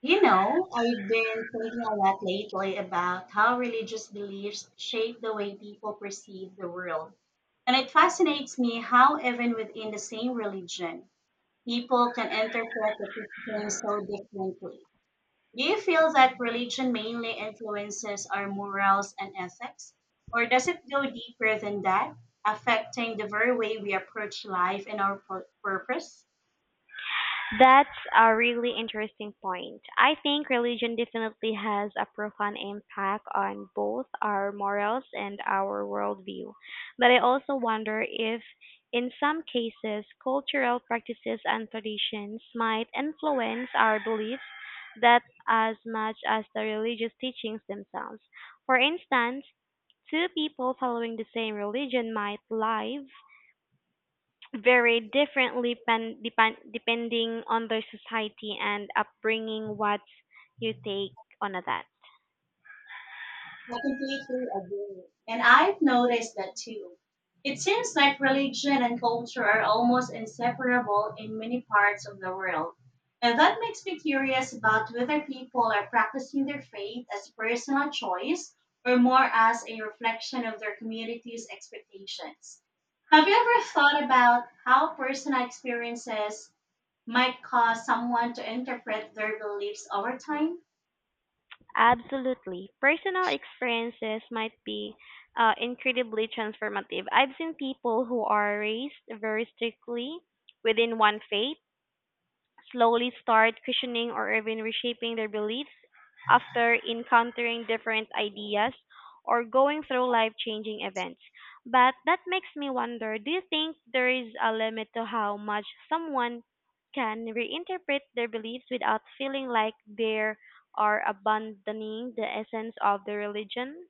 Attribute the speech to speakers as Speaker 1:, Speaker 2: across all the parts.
Speaker 1: You know, I've been thinking a lot lately about how religious beliefs shape the way people perceive the world. And it fascinates me how, even within the same religion, people can interpret the teaching so differently. Do you feel that religion mainly influences our morals and ethics? Or does it go deeper than that, affecting the very way we approach life and our purpose?
Speaker 2: That's a really interesting point. I think religion definitely has a profound impact on both our morals and our worldview. But I also wonder if, in some cases, cultural practices and traditions might influence our beliefs that as much as the religious teachings themselves. For instance, two people following the same religion might live vary differently pen, depend, depending on their society and upbringing. What's your take on that?
Speaker 1: I completely agree. And I've noticed that too. It seems like religion and culture are almost inseparable in many parts of the world. And that makes me curious about whether people are practicing their faith as a personal choice or more as a reflection of their community's expectations. Have you ever thought about how personal experiences might cause someone to interpret their beliefs over time?
Speaker 2: Absolutely. Personal experiences might be incredibly transformative. I've seen people who are raised very strictly within one faith slowly start questioning or even reshaping their beliefs after encountering different ideas or going through life changing events. But that makes me wonder, do you think there is a limit to how much someone can reinterpret their beliefs without feeling like they are abandoning the essence of the religion?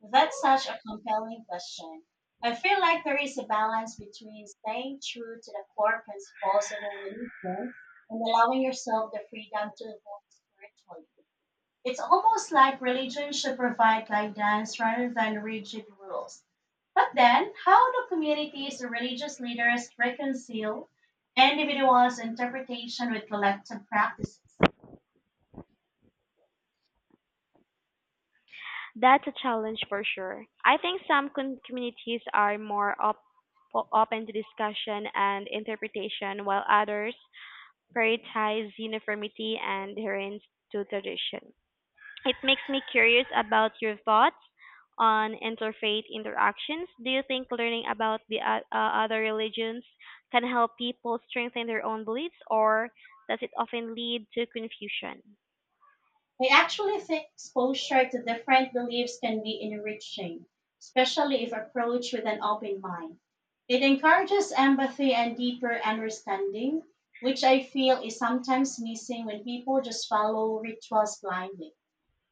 Speaker 1: That's such a compelling question. I feel like there is a balance between staying true to the core principles of a religion and allowing yourself the freedom to evolve spiritually. It's almost like religion should provide guidance rather than rigid rules. But then, how do communities and religious leaders reconcile individuals' interpretation with collective practices?
Speaker 2: That's a challenge for sure. I think communities are open to discussion and interpretation, while others prioritize uniformity and adherence to tradition. It makes me curious about your thoughts on interfaith interactions. Do you think learning about other religions can help people strengthen their own beliefs, or does it often lead to confusion?
Speaker 1: I actually think exposure to different beliefs can be enriching, especially if approached with an open mind. It encourages empathy and deeper understanding, which I feel is sometimes missing when people just follow rituals blindly.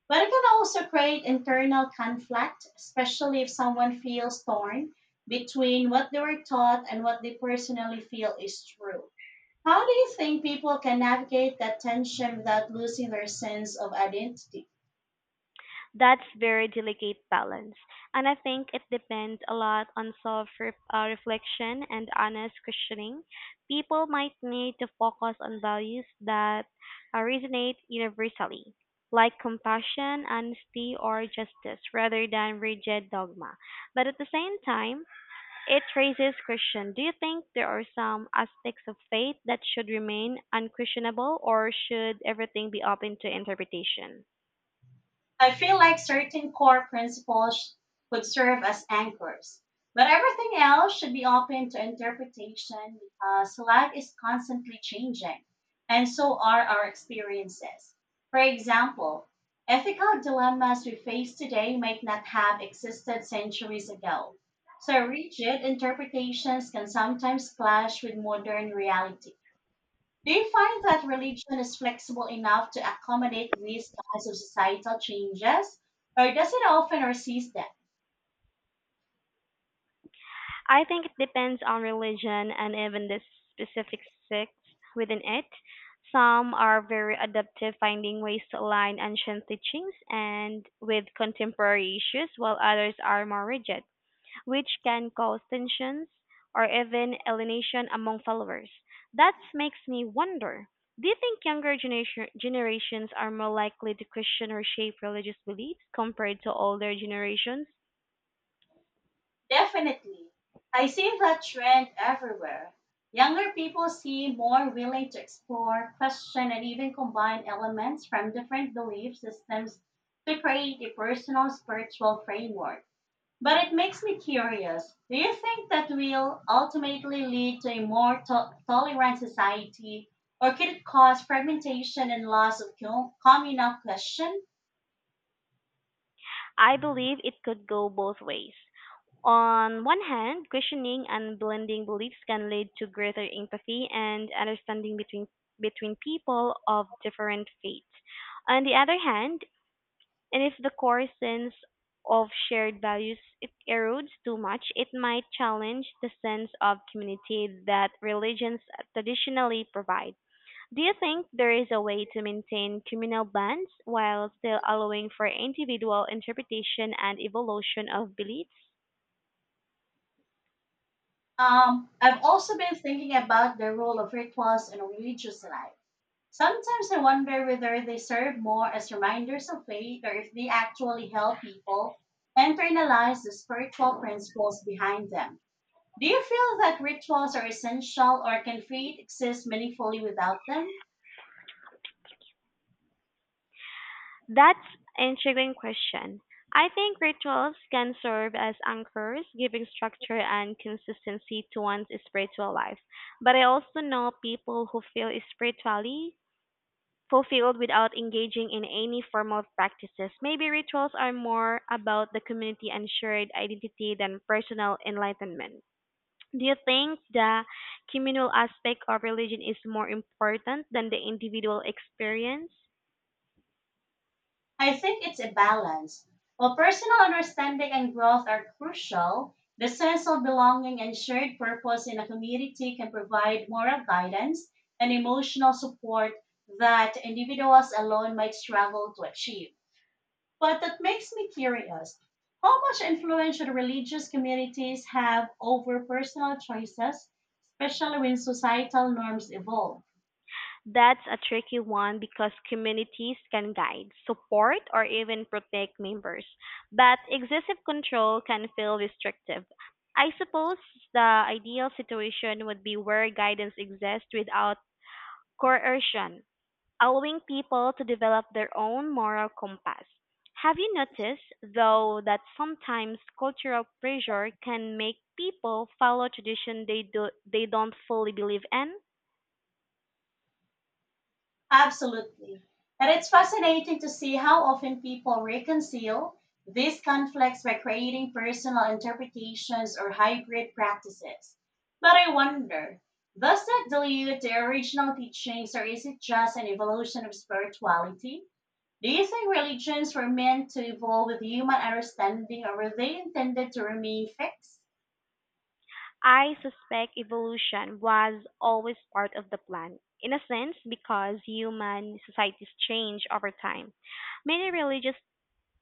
Speaker 1: But it can also create internal conflict, especially if someone feels torn between what they were taught and what they personally feel is true. How do you think people can navigate that tension without losing their sense of identity?
Speaker 2: That's very delicate balance, and I think it depends a lot on self-reflection reflection and honest questioning. People might need to focus on values that resonate universally, like compassion, honesty, or justice, rather than rigid dogma. But at the same time, it raises question. Do you think there are some aspects of faith that should remain unquestionable, or should everything be open to interpretation?
Speaker 1: I feel like certain core principles could serve as anchors, but everything else should be open to interpretation because life is constantly changing, and so are our experiences. For example, ethical dilemmas we face today might not have existed centuries ago. So, rigid interpretations can sometimes clash with modern reality. Do you find that religion is flexible enough to accommodate these kinds of societal changes, or does it often resist them?
Speaker 2: I think it depends on religion and even the specific sects within it. Some are very adaptive, finding ways to align ancient teachings and with contemporary issues, while others are more rigid, which can cause tensions or even alienation among followers. That makes me wonder. Do you think generations are more likely to question or shape religious beliefs compared to older generations?
Speaker 1: Definitely. I see that trend everywhere. Younger people seem more willing to explore, question, and even combine elements from different belief systems to create a personal spiritual framework. But it makes me curious. Do you think that will ultimately lead to a more tolerant society, or could it cause fragmentation and loss of communal question?
Speaker 2: I believe it could go both ways. On one hand, questioning and blending beliefs can lead to greater empathy and understanding between people of different faiths. On the other hand, and if the core sense of shared values it erodes too much, it might challenge the sense of community that religions traditionally provide. Do you think there is a way to maintain communal bonds while still allowing for individual interpretation and evolution of beliefs?
Speaker 1: I've also been thinking about the role of rituals in religious life. Sometimes I wonder whether they serve more as reminders of faith or if they actually help people internalize the spiritual principles behind them. Do you feel that rituals are essential or can faith exist meaningfully without them?
Speaker 2: That's an intriguing question. I think rituals can serve as anchors, giving structure and consistency to one's spiritual life. But I also know people who feel spiritually fulfilled without engaging in any formal practices. Maybe rituals are more about the community and shared identity than personal enlightenment. Do you think the communal aspect of religion is more important than the individual experience?
Speaker 1: I think it's a balance. While personal understanding and growth are crucial, the sense of belonging and shared purpose in a community can provide moral guidance and emotional support that individuals alone might struggle to achieve. But that makes me curious. How much influence should religious communities have over personal choices, especially when societal norms evolve?
Speaker 2: That's a tricky one because communities can guide, support, or even protect members, but excessive control can feel restrictive. I suppose the ideal situation would be where guidance exists without coercion, allowing people to develop their own moral compass. Have you noticed, though, that sometimes cultural pressure can make people follow tradition they don't fully believe in?
Speaker 1: Absolutely. And it's fascinating to see how often people reconcile these conflicts by creating personal interpretations or hybrid practices. But I wonder, does that dilute the original teachings or is it just an evolution of spirituality? Do you think religions were meant to evolve with human understanding or were they intended to remain fixed?
Speaker 2: I suspect evolution was always part of the plan, in a sense, because human societies change over time. Many religious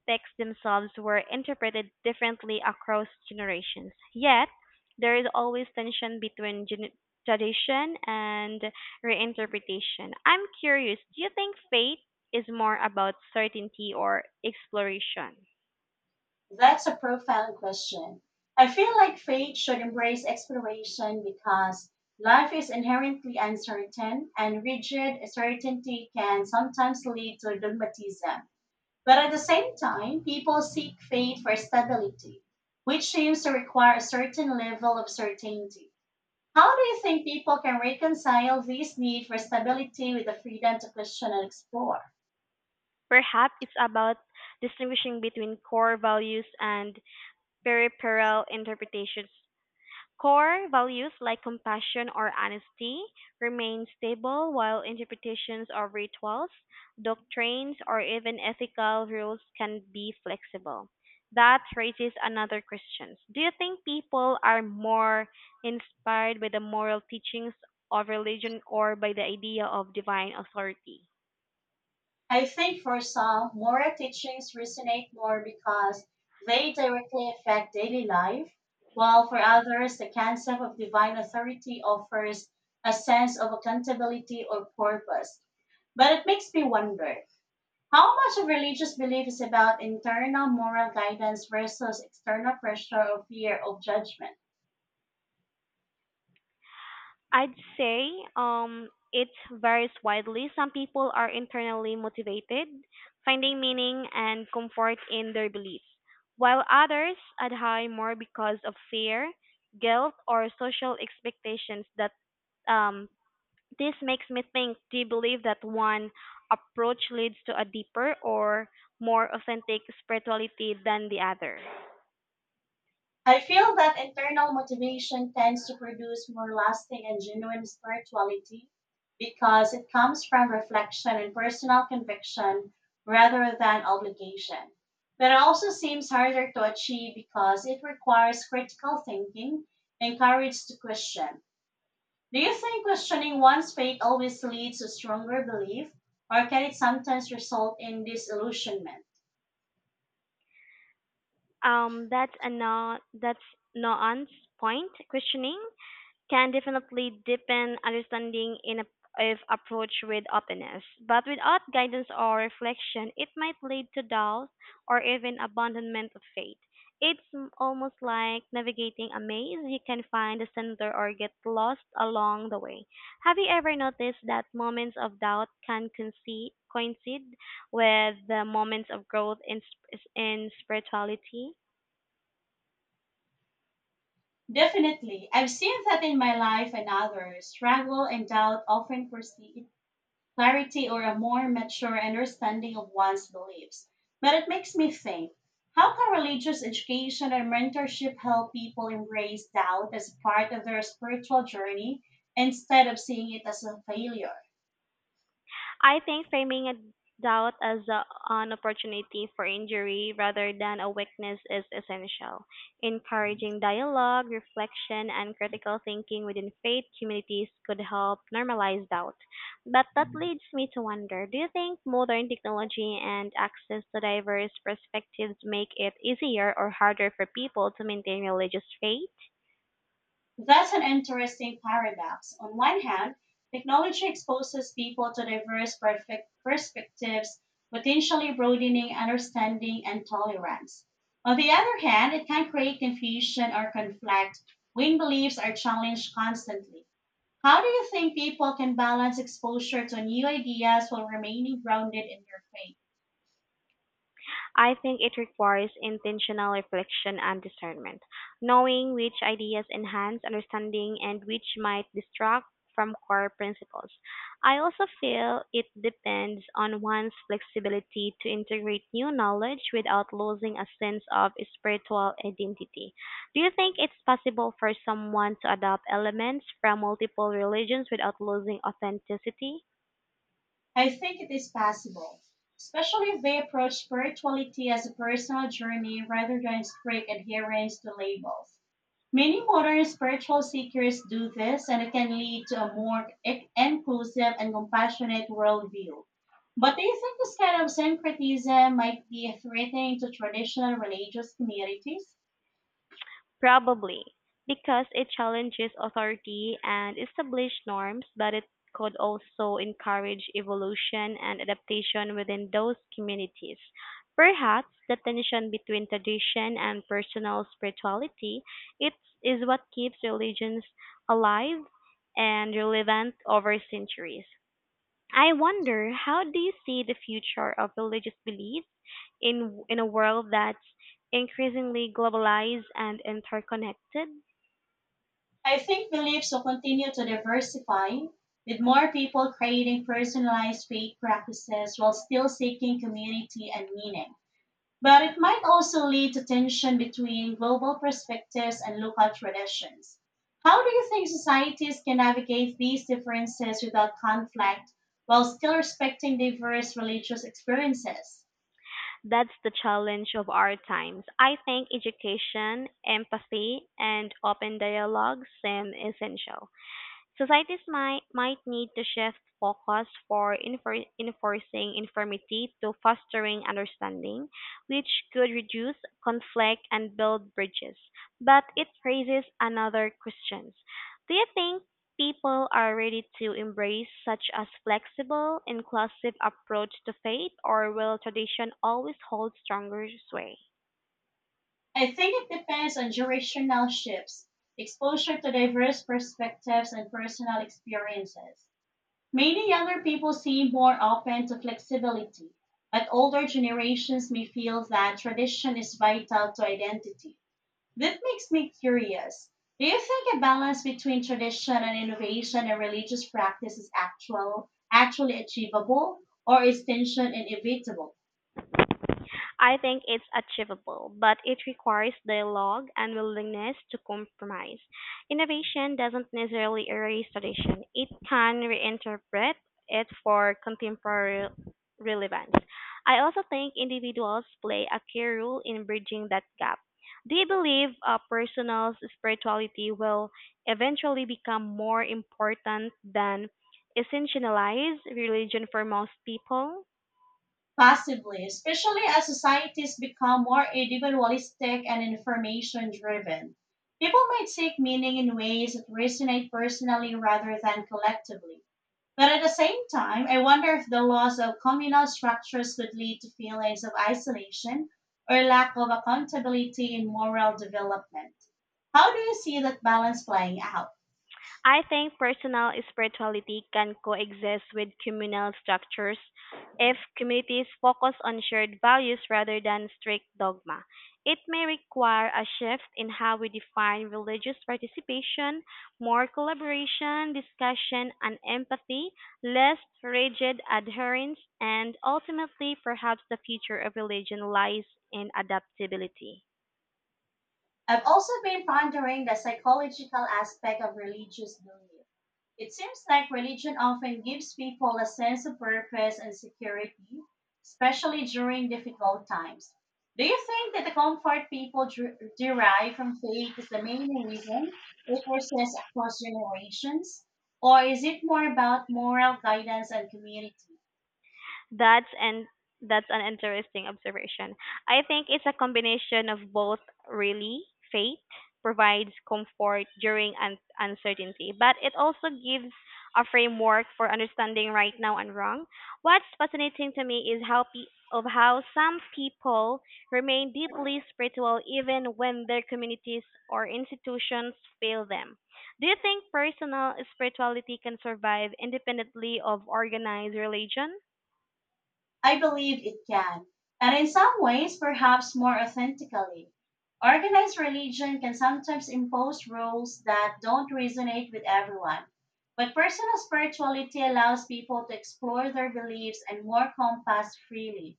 Speaker 2: texts themselves were interpreted differently across generations, yet, there is always tension between tradition and reinterpretation. I'm curious, do you think faith is more about certainty or exploration?
Speaker 1: That's a profound question. I feel like faith should embrace exploration because life is inherently uncertain and rigid certainty can sometimes lead to dogmatism. But at the same time, people seek faith for stability, which seems to require a certain level of certainty. How do you think people can reconcile this need for stability with the freedom to question and explore?
Speaker 2: Perhaps it's about distinguishing between core values and peripheral interpretations. Core values like compassion or honesty remain stable, while interpretations of rituals, doctrines, or even ethical rules can be flexible. That raises another question. Do you think people are more inspired by the moral teachings of religion or by the idea of divine authority?
Speaker 1: I think for some, moral teachings resonate more because they directly affect daily life, while for others, the concept of divine authority offers a sense of accountability or purpose. But it makes me wonder how much of religious belief is about internal moral guidance versus external pressure or fear of judgment?
Speaker 2: I'd say it varies widely. Some people are internally motivated, finding meaning and comfort in their beliefs, while others adhere more because of fear, guilt, or social expectations. That um, this makes me think: do you believe that one approach leads to a deeper or more authentic spirituality than the other?
Speaker 1: I feel that internal motivation tends to produce more lasting and genuine spirituality because it comes from reflection and personal conviction rather than obligation. But it also seems harder to achieve because it requires critical thinking and courage to question. Do you think questioning one's faith always leads to stronger belief, or can it sometimes result in disillusionment?
Speaker 2: That's a no, that's Noan's point. Questioning can definitely deepen understanding if approached with openness. But without guidance or reflection, it might lead to doubt or even abandonment of faith. Almost like navigating a maze. You can find the center or get lost along the way. Have you ever noticed that moments of doubt can coincide with the moments of growth in spirituality?
Speaker 1: Definitely. I've seen that in my life and others. Struggle and doubt often precede clarity or a more mature understanding of one's beliefs. But it makes me think how can religious education and mentorship help people embrace doubt as part of their spiritual journey instead of seeing it as a failure?
Speaker 2: I think framing a doubt as an opportunity for injury rather than a weakness is essential. Encouraging dialogue, reflection, and critical thinking within faith communities could help normalize doubt. But that leads me to wonder, do you think modern technology and access to diverse perspectives make it easier or harder for people to maintain religious faith?
Speaker 1: That's an interesting paradox. On one hand, technology exposes people to diverse perfect perspectives, potentially broadening understanding and tolerance. On the other hand, it can create confusion or conflict when beliefs are challenged constantly. How do you think people can balance exposure to new ideas while remaining grounded in their faith?
Speaker 2: I think it requires intentional reflection and discernment, knowing which ideas enhance understanding and which might distract from core principles. I also feel it depends on one's flexibility to integrate new knowledge without losing a sense of spiritual identity. Do you think it's possible for someone to adopt elements from multiple religions without losing authenticity?
Speaker 1: I think it is possible, especially if they approach spirituality as a personal journey rather than strict adherence to labels. Many modern spiritual seekers do this, and it can lead to a more inclusive and compassionate worldview. But do you think this kind of syncretism might be threatening to traditional religious communities?
Speaker 2: Probably, because it challenges authority and established norms, but it could also encourage evolution and adaptation within those communities. Perhaps the tension between tradition and personal spirituality it is what keeps religions alive and relevant over centuries. I wonder, how do you see the future of religious beliefs in a world that's increasingly globalized and interconnected?
Speaker 1: I think beliefs will continue to diversify, with more people creating personalized faith practices while still seeking community and meaning. But it might also lead to tension between global perspectives and local traditions. How do you think societies can navigate these differences without conflict while still respecting diverse religious experiences?
Speaker 2: That's the challenge of our times. I think education, empathy, and open dialogue seem essential. Might need to shift focus for enforcing informity to fostering understanding, which could reduce conflict and build bridges. But it raises another question. Do you think people are ready to embrace such a flexible, inclusive approach to faith, or will tradition always hold stronger sway?
Speaker 1: I think it depends on generational shifts, exposure to diverse perspectives, and personal experiences. Many younger people seem more open to flexibility, but older generations may feel that tradition is vital to identity. That makes me curious. Do you think a balance between tradition and innovation in religious practice is actually achievable, or is tension inevitable?
Speaker 2: I think it's achievable, but it requires dialogue and willingness to compromise. Innovation doesn't necessarily erase tradition, it can reinterpret it for contemporary relevance. I also think individuals play a key role in bridging that gap. Do you believe personal spirituality will eventually become more important than essentialized religion for most people?
Speaker 1: Possibly, especially as societies become more individualistic and information driven. People might seek meaning in ways that resonate personally rather than collectively. But at the same time, I wonder if the loss of communal structures could lead to feelings of isolation or lack of accountability in moral development. How do you see that balance playing out?
Speaker 2: I think personal spirituality can coexist with communal structures if communities focus on shared values rather than strict dogma. It may require a shift in how we define religious participation, more collaboration, discussion, and empathy, less rigid adherence, and ultimately, perhaps the future of religion lies in adaptability.
Speaker 1: I've also been pondering the psychological aspect of religious belief. It seems like religion often gives people a sense of purpose and security, especially during difficult times. Do you think that the comfort people derive from faith is the main reason it persists across generations? Or is it more about moral guidance and community?
Speaker 2: That's and that's an interesting observation. I think it's a combination of both really. Faith provides comfort during uncertainty, but it also gives a framework for understanding right now and wrong. What's fascinating to me is how pe- of how some people remain deeply spiritual even when their communities or institutions fail them. Do you think personal spirituality can survive independently of organized religion?
Speaker 1: I believe it can, and in some ways, perhaps more authentically. Organized religion can sometimes impose rules that don't resonate with everyone, but personal spirituality allows people to explore their beliefs and more compass freely.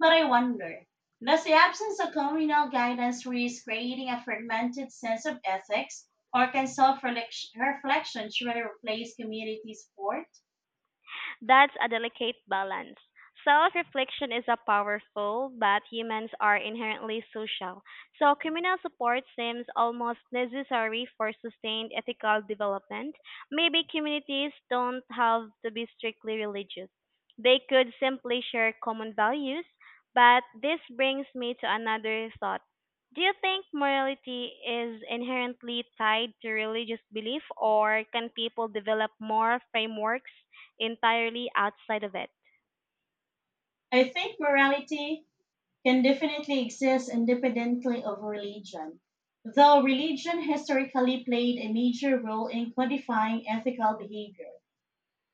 Speaker 1: But I wonder, does the absence of communal guidance risk creating a fragmented sense of ethics, or can self reflection truly replace community support?
Speaker 2: That's a delicate balance. Self reflection is a powerful, but humans are inherently social, so communal support seems almost necessary for sustained ethical development. Maybe communities don't have to be strictly religious, they could simply share common values. But this brings me to another thought. Do you think morality is inherently tied to religious belief, or can people develop more frameworks entirely outside of it?
Speaker 1: I think morality can definitely exist independently of religion. Though religion historically played a major role in codifying ethical behavior,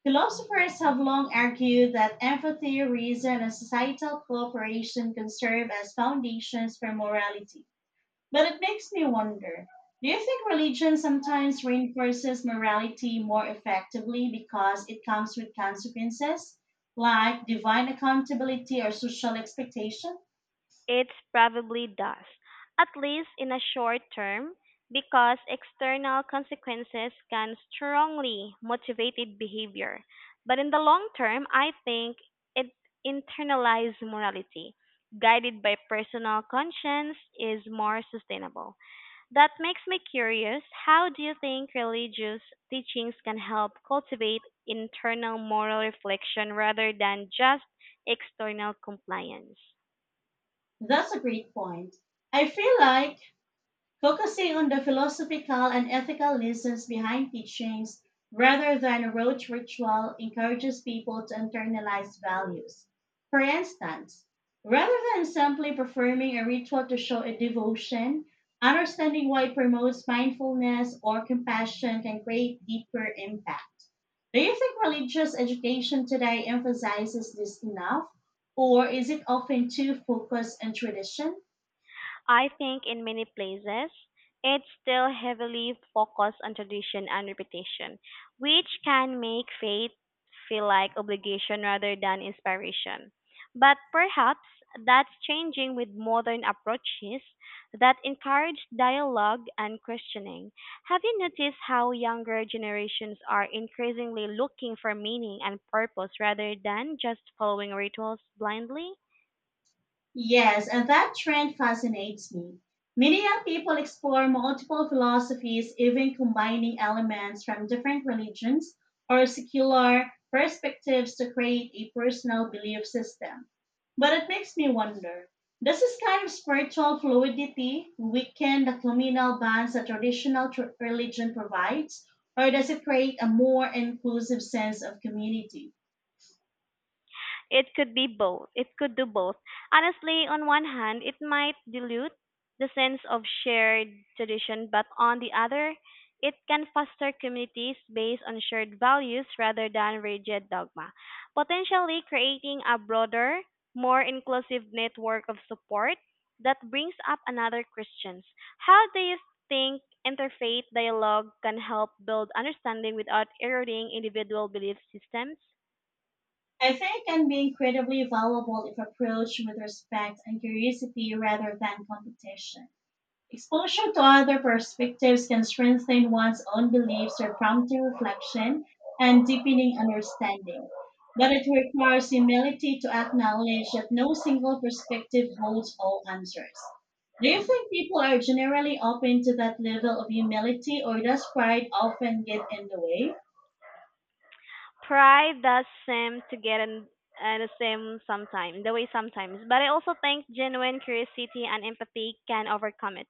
Speaker 1: philosophers have long argued that empathy, reason, and societal cooperation can serve as foundations for morality. But it makes me wonder do you think religion sometimes reinforces morality more effectively because it comes with consequences, like divine accountability or social expectation?
Speaker 2: It probably does, at least in a short term, because external consequences can strongly motivate behavior. But in the long term, I think it internalized morality, guided by personal conscience, is more sustainable. That makes me curious. How do you think religious teachings can help cultivate internal moral reflection rather than just external compliance?
Speaker 1: That's a great point. I feel like focusing on the philosophical and ethical lessons behind teachings rather than a rote ritual encourages people to internalize values. For instance, rather than simply performing a ritual to show a devotion, understanding why it promotes mindfulness or compassion can create deeper impact. Do you think religious education today emphasizes this enough, or is it often too focused on tradition?
Speaker 2: I think in many places, it's still heavily focused on tradition and repetition, which can make faith feel like obligation rather than inspiration. But perhaps that's changing with modern approaches that encourage dialogue and questioning. Have you noticed how younger generations are increasingly looking for meaning and purpose rather than just following rituals blindly?
Speaker 1: Yes, and that trend fascinates me. Many young people explore multiple philosophies, even combining elements from different religions or secular perspectives to create a personal belief system. But it makes me wonder does this kind of spiritual fluidity weaken the communal bonds that traditional religion provides, or does it create a more inclusive sense of community?
Speaker 2: It could be both. It could do both. Honestly, on one hand, it might dilute the sense of shared tradition, but on the other, it can foster communities based on shared values rather than rigid dogma, potentially creating a broader, more inclusive network of support. That brings up another question. How do you think interfaith dialogue can help build understanding without eroding individual belief systems?
Speaker 1: I think can be incredibly valuable if approached with respect and curiosity rather than competition. Exposure to other perspectives can strengthen one's own beliefs or prompt reflection and deepening understanding. But it requires humility to acknowledge that no single perspective holds all answers. Do you think people are generally open to that level of humility, or does pride often get in the way?
Speaker 2: Pride does seem to get in the same sometimes, the way sometimes. But I also think genuine curiosity and empathy can overcome it.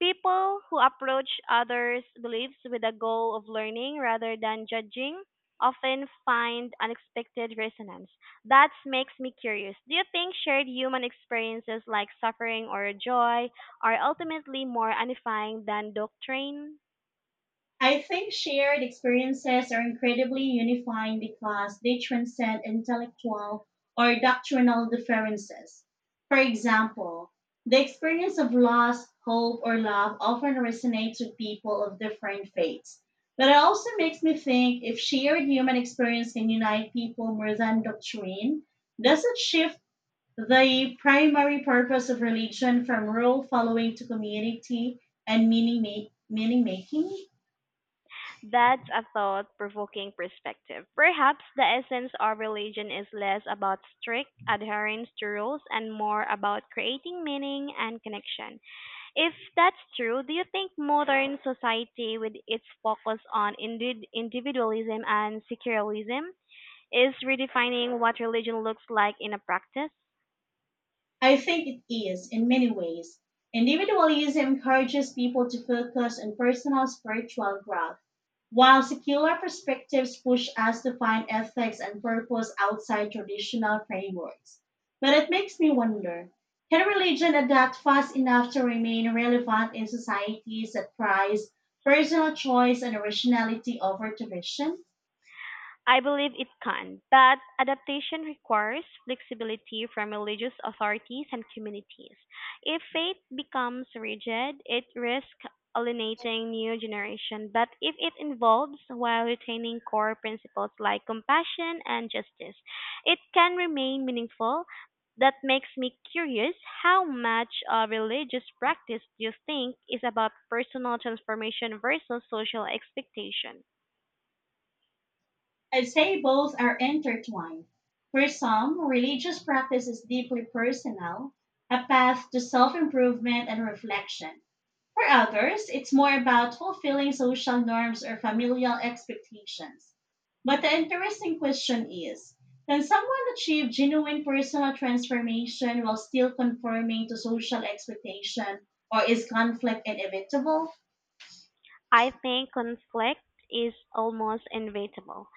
Speaker 2: People who approach others' beliefs with a goal of learning rather than judging often find unexpected resonance. That makes me curious. Do you think shared human experiences like suffering or joy are ultimately more unifying than doctrine?
Speaker 1: I think shared experiences are incredibly unifying because they transcend intellectual or doctrinal differences. For example, the experience of loss, hope, or love often resonates with people of different faiths. But it also makes me think if shared human experience can unite people more than doctrine, does it shift the primary purpose of religion from rule following to community and meaning making?
Speaker 2: That's a thought provoking perspective. Perhaps the essence of religion is less about strict adherence to rules and more about creating meaning and connection. If that's true, do you think modern society, with its focus on individualism and secularism, is redefining what religion looks like in a practice?
Speaker 1: I think it is, in many ways. Individualism encourages people to focus on personal spiritual growth, while secular perspectives push us to find ethics and purpose outside traditional frameworks. But it makes me wonder can religion adapt fast enough to remain relevant in societies that prize personal choice and originality over tradition?
Speaker 2: I believe it can, but adaptation requires flexibility from religious authorities and communities. If faith becomes rigid, it risks alienating new generation, but if it involves while retaining core principles like compassion and justice, it can remain meaningful. That makes me curious, how much of religious practice do you think is about personal transformation versus social expectation?
Speaker 1: I'd say both are intertwined. For some, religious practice is deeply personal, a path to self improvement and reflection. For others, it's more about fulfilling social norms or familial expectations. But the interesting question is can someone achieve genuine personal transformation while still conforming to social expectation, or is conflict inevitable?
Speaker 2: I think conflict is almost inevitable,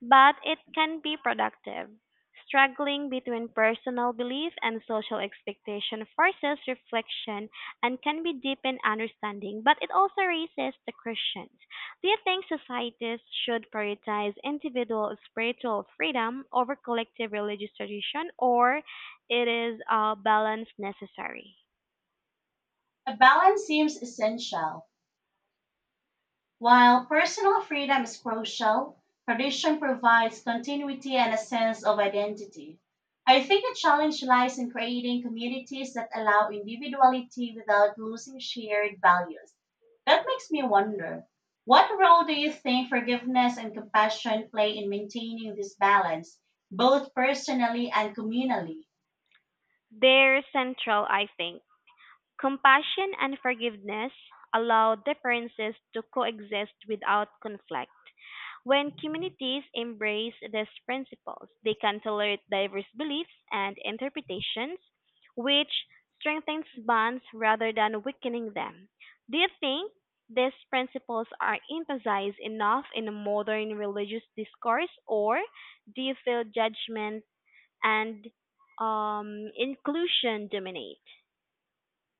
Speaker 2: but it can be productive. Struggling between personal belief and social expectation forces reflection and can be deepened understanding, but it also raises the questions. Do you think societies should prioritize individual spiritual freedom over collective religious tradition, or it is a balance necessary?
Speaker 1: A balance seems essential. While personal freedom is crucial, tradition provides continuity and a sense of identity. I think the challenge lies in creating communities that allow individuality without losing shared values. That makes me wonder what role do you think forgiveness and compassion play in maintaining this balance, both personally and communally?
Speaker 2: They're central, I think. Compassion and forgiveness allow differences to coexist without conflict. When communities embrace these principles, they can tolerate diverse beliefs and interpretations, which strengthens bonds rather than weakening them. Do you think these principles are emphasized enough in modern religious discourse, or do you feel judgment and inclusion dominate?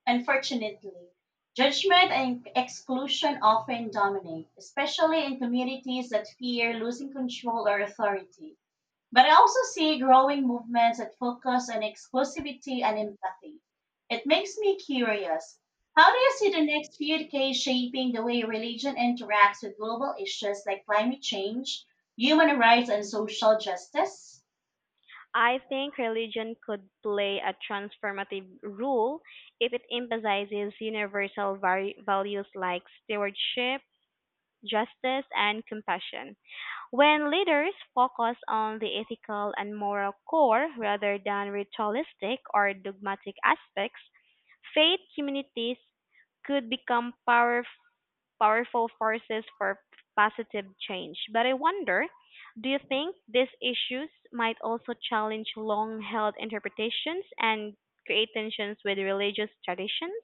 Speaker 1: Unfortunately, judgment and exclusion often dominate, especially in communities that fear losing control or authority. But I also see growing movements that focus on exclusivity and empathy. It makes me curious. How do you see the next few decades shaping the way religion interacts with global issues like climate change, human rights, and social justice?
Speaker 2: I think religion could play a transformative role if it emphasizes values like stewardship, justice, and compassion. When leaders focus on the ethical and moral core rather than ritualistic or dogmatic aspects, faith communities could become powerful forces for positive change. But I wonder, do you think these issues might also challenge long held interpretations and create tensions with religious traditions?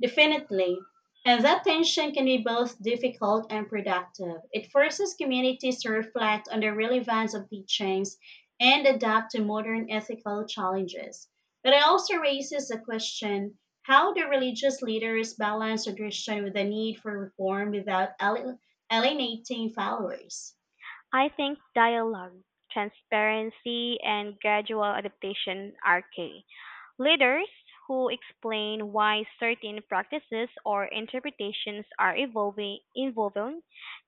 Speaker 1: Definitely. And that tension can be both difficult and productive. It forces communities to reflect on the relevance of teachings and adapt to modern ethical challenges. But it also raises the question how do religious leaders balance tradition with the need for reform without alienating followers?
Speaker 2: I think dialogue, transparency, and gradual adaptation are key. Leaders who explain why certain practices or interpretations are evolving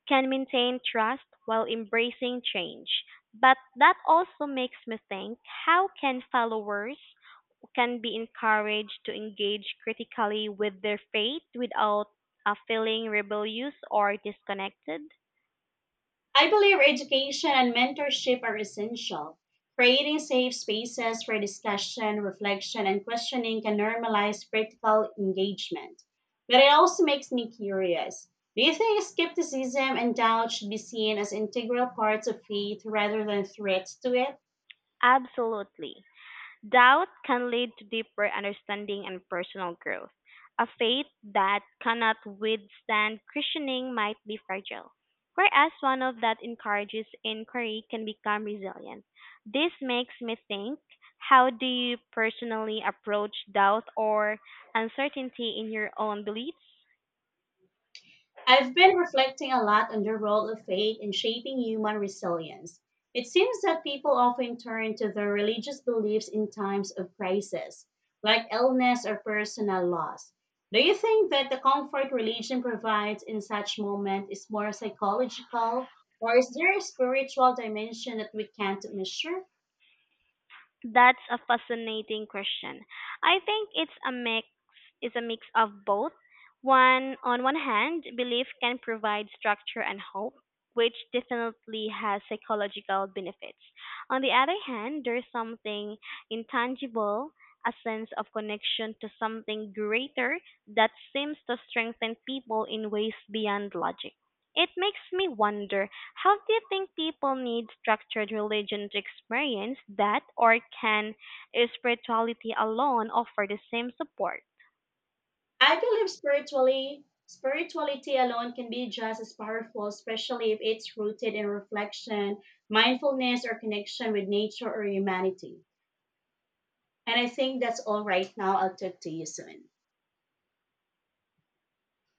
Speaker 2: can maintain trust while embracing change. But that also makes me think, how can followers can be encouraged to engage critically with their faith without feeling rebellious or disconnected?
Speaker 1: I believe education and mentorship are essential. Creating safe spaces for discussion, reflection, and questioning can normalize critical engagement. But it also makes me curious. Do you think skepticism and doubt should be seen as integral parts of faith rather than threats to it?
Speaker 2: Absolutely. Doubt can lead to deeper understanding and personal growth. A faith that cannot withstand questioning might be fragile, whereas one of that encourages inquiry can become resilient. This makes me think, how do you personally approach doubt or uncertainty in your own beliefs?
Speaker 1: I've been reflecting a lot on the role of faith in shaping human resilience. It seems that people often turn to their religious beliefs in times of crisis, like illness or personal loss. Do you think that the comfort religion provides in such moments is more psychological, or is there a spiritual dimension that we can't measure?
Speaker 2: That's a fascinating question. I think it's a mix is a mix of both. One On one hand, belief can provide structure and hope, which definitely has psychological benefits. On the other hand, there's something intangible, a sense of connection to something greater that seems to strengthen people in ways beyond logic. It makes me wonder, how do you think people need structured religion to experience that, or can spirituality alone offer the same support?
Speaker 1: I believe spiritually spirituality alone can be just as powerful, especially if it's rooted in reflection, mindfulness, or connection with nature or humanity. And I think that's all right now. I'll talk to you soon.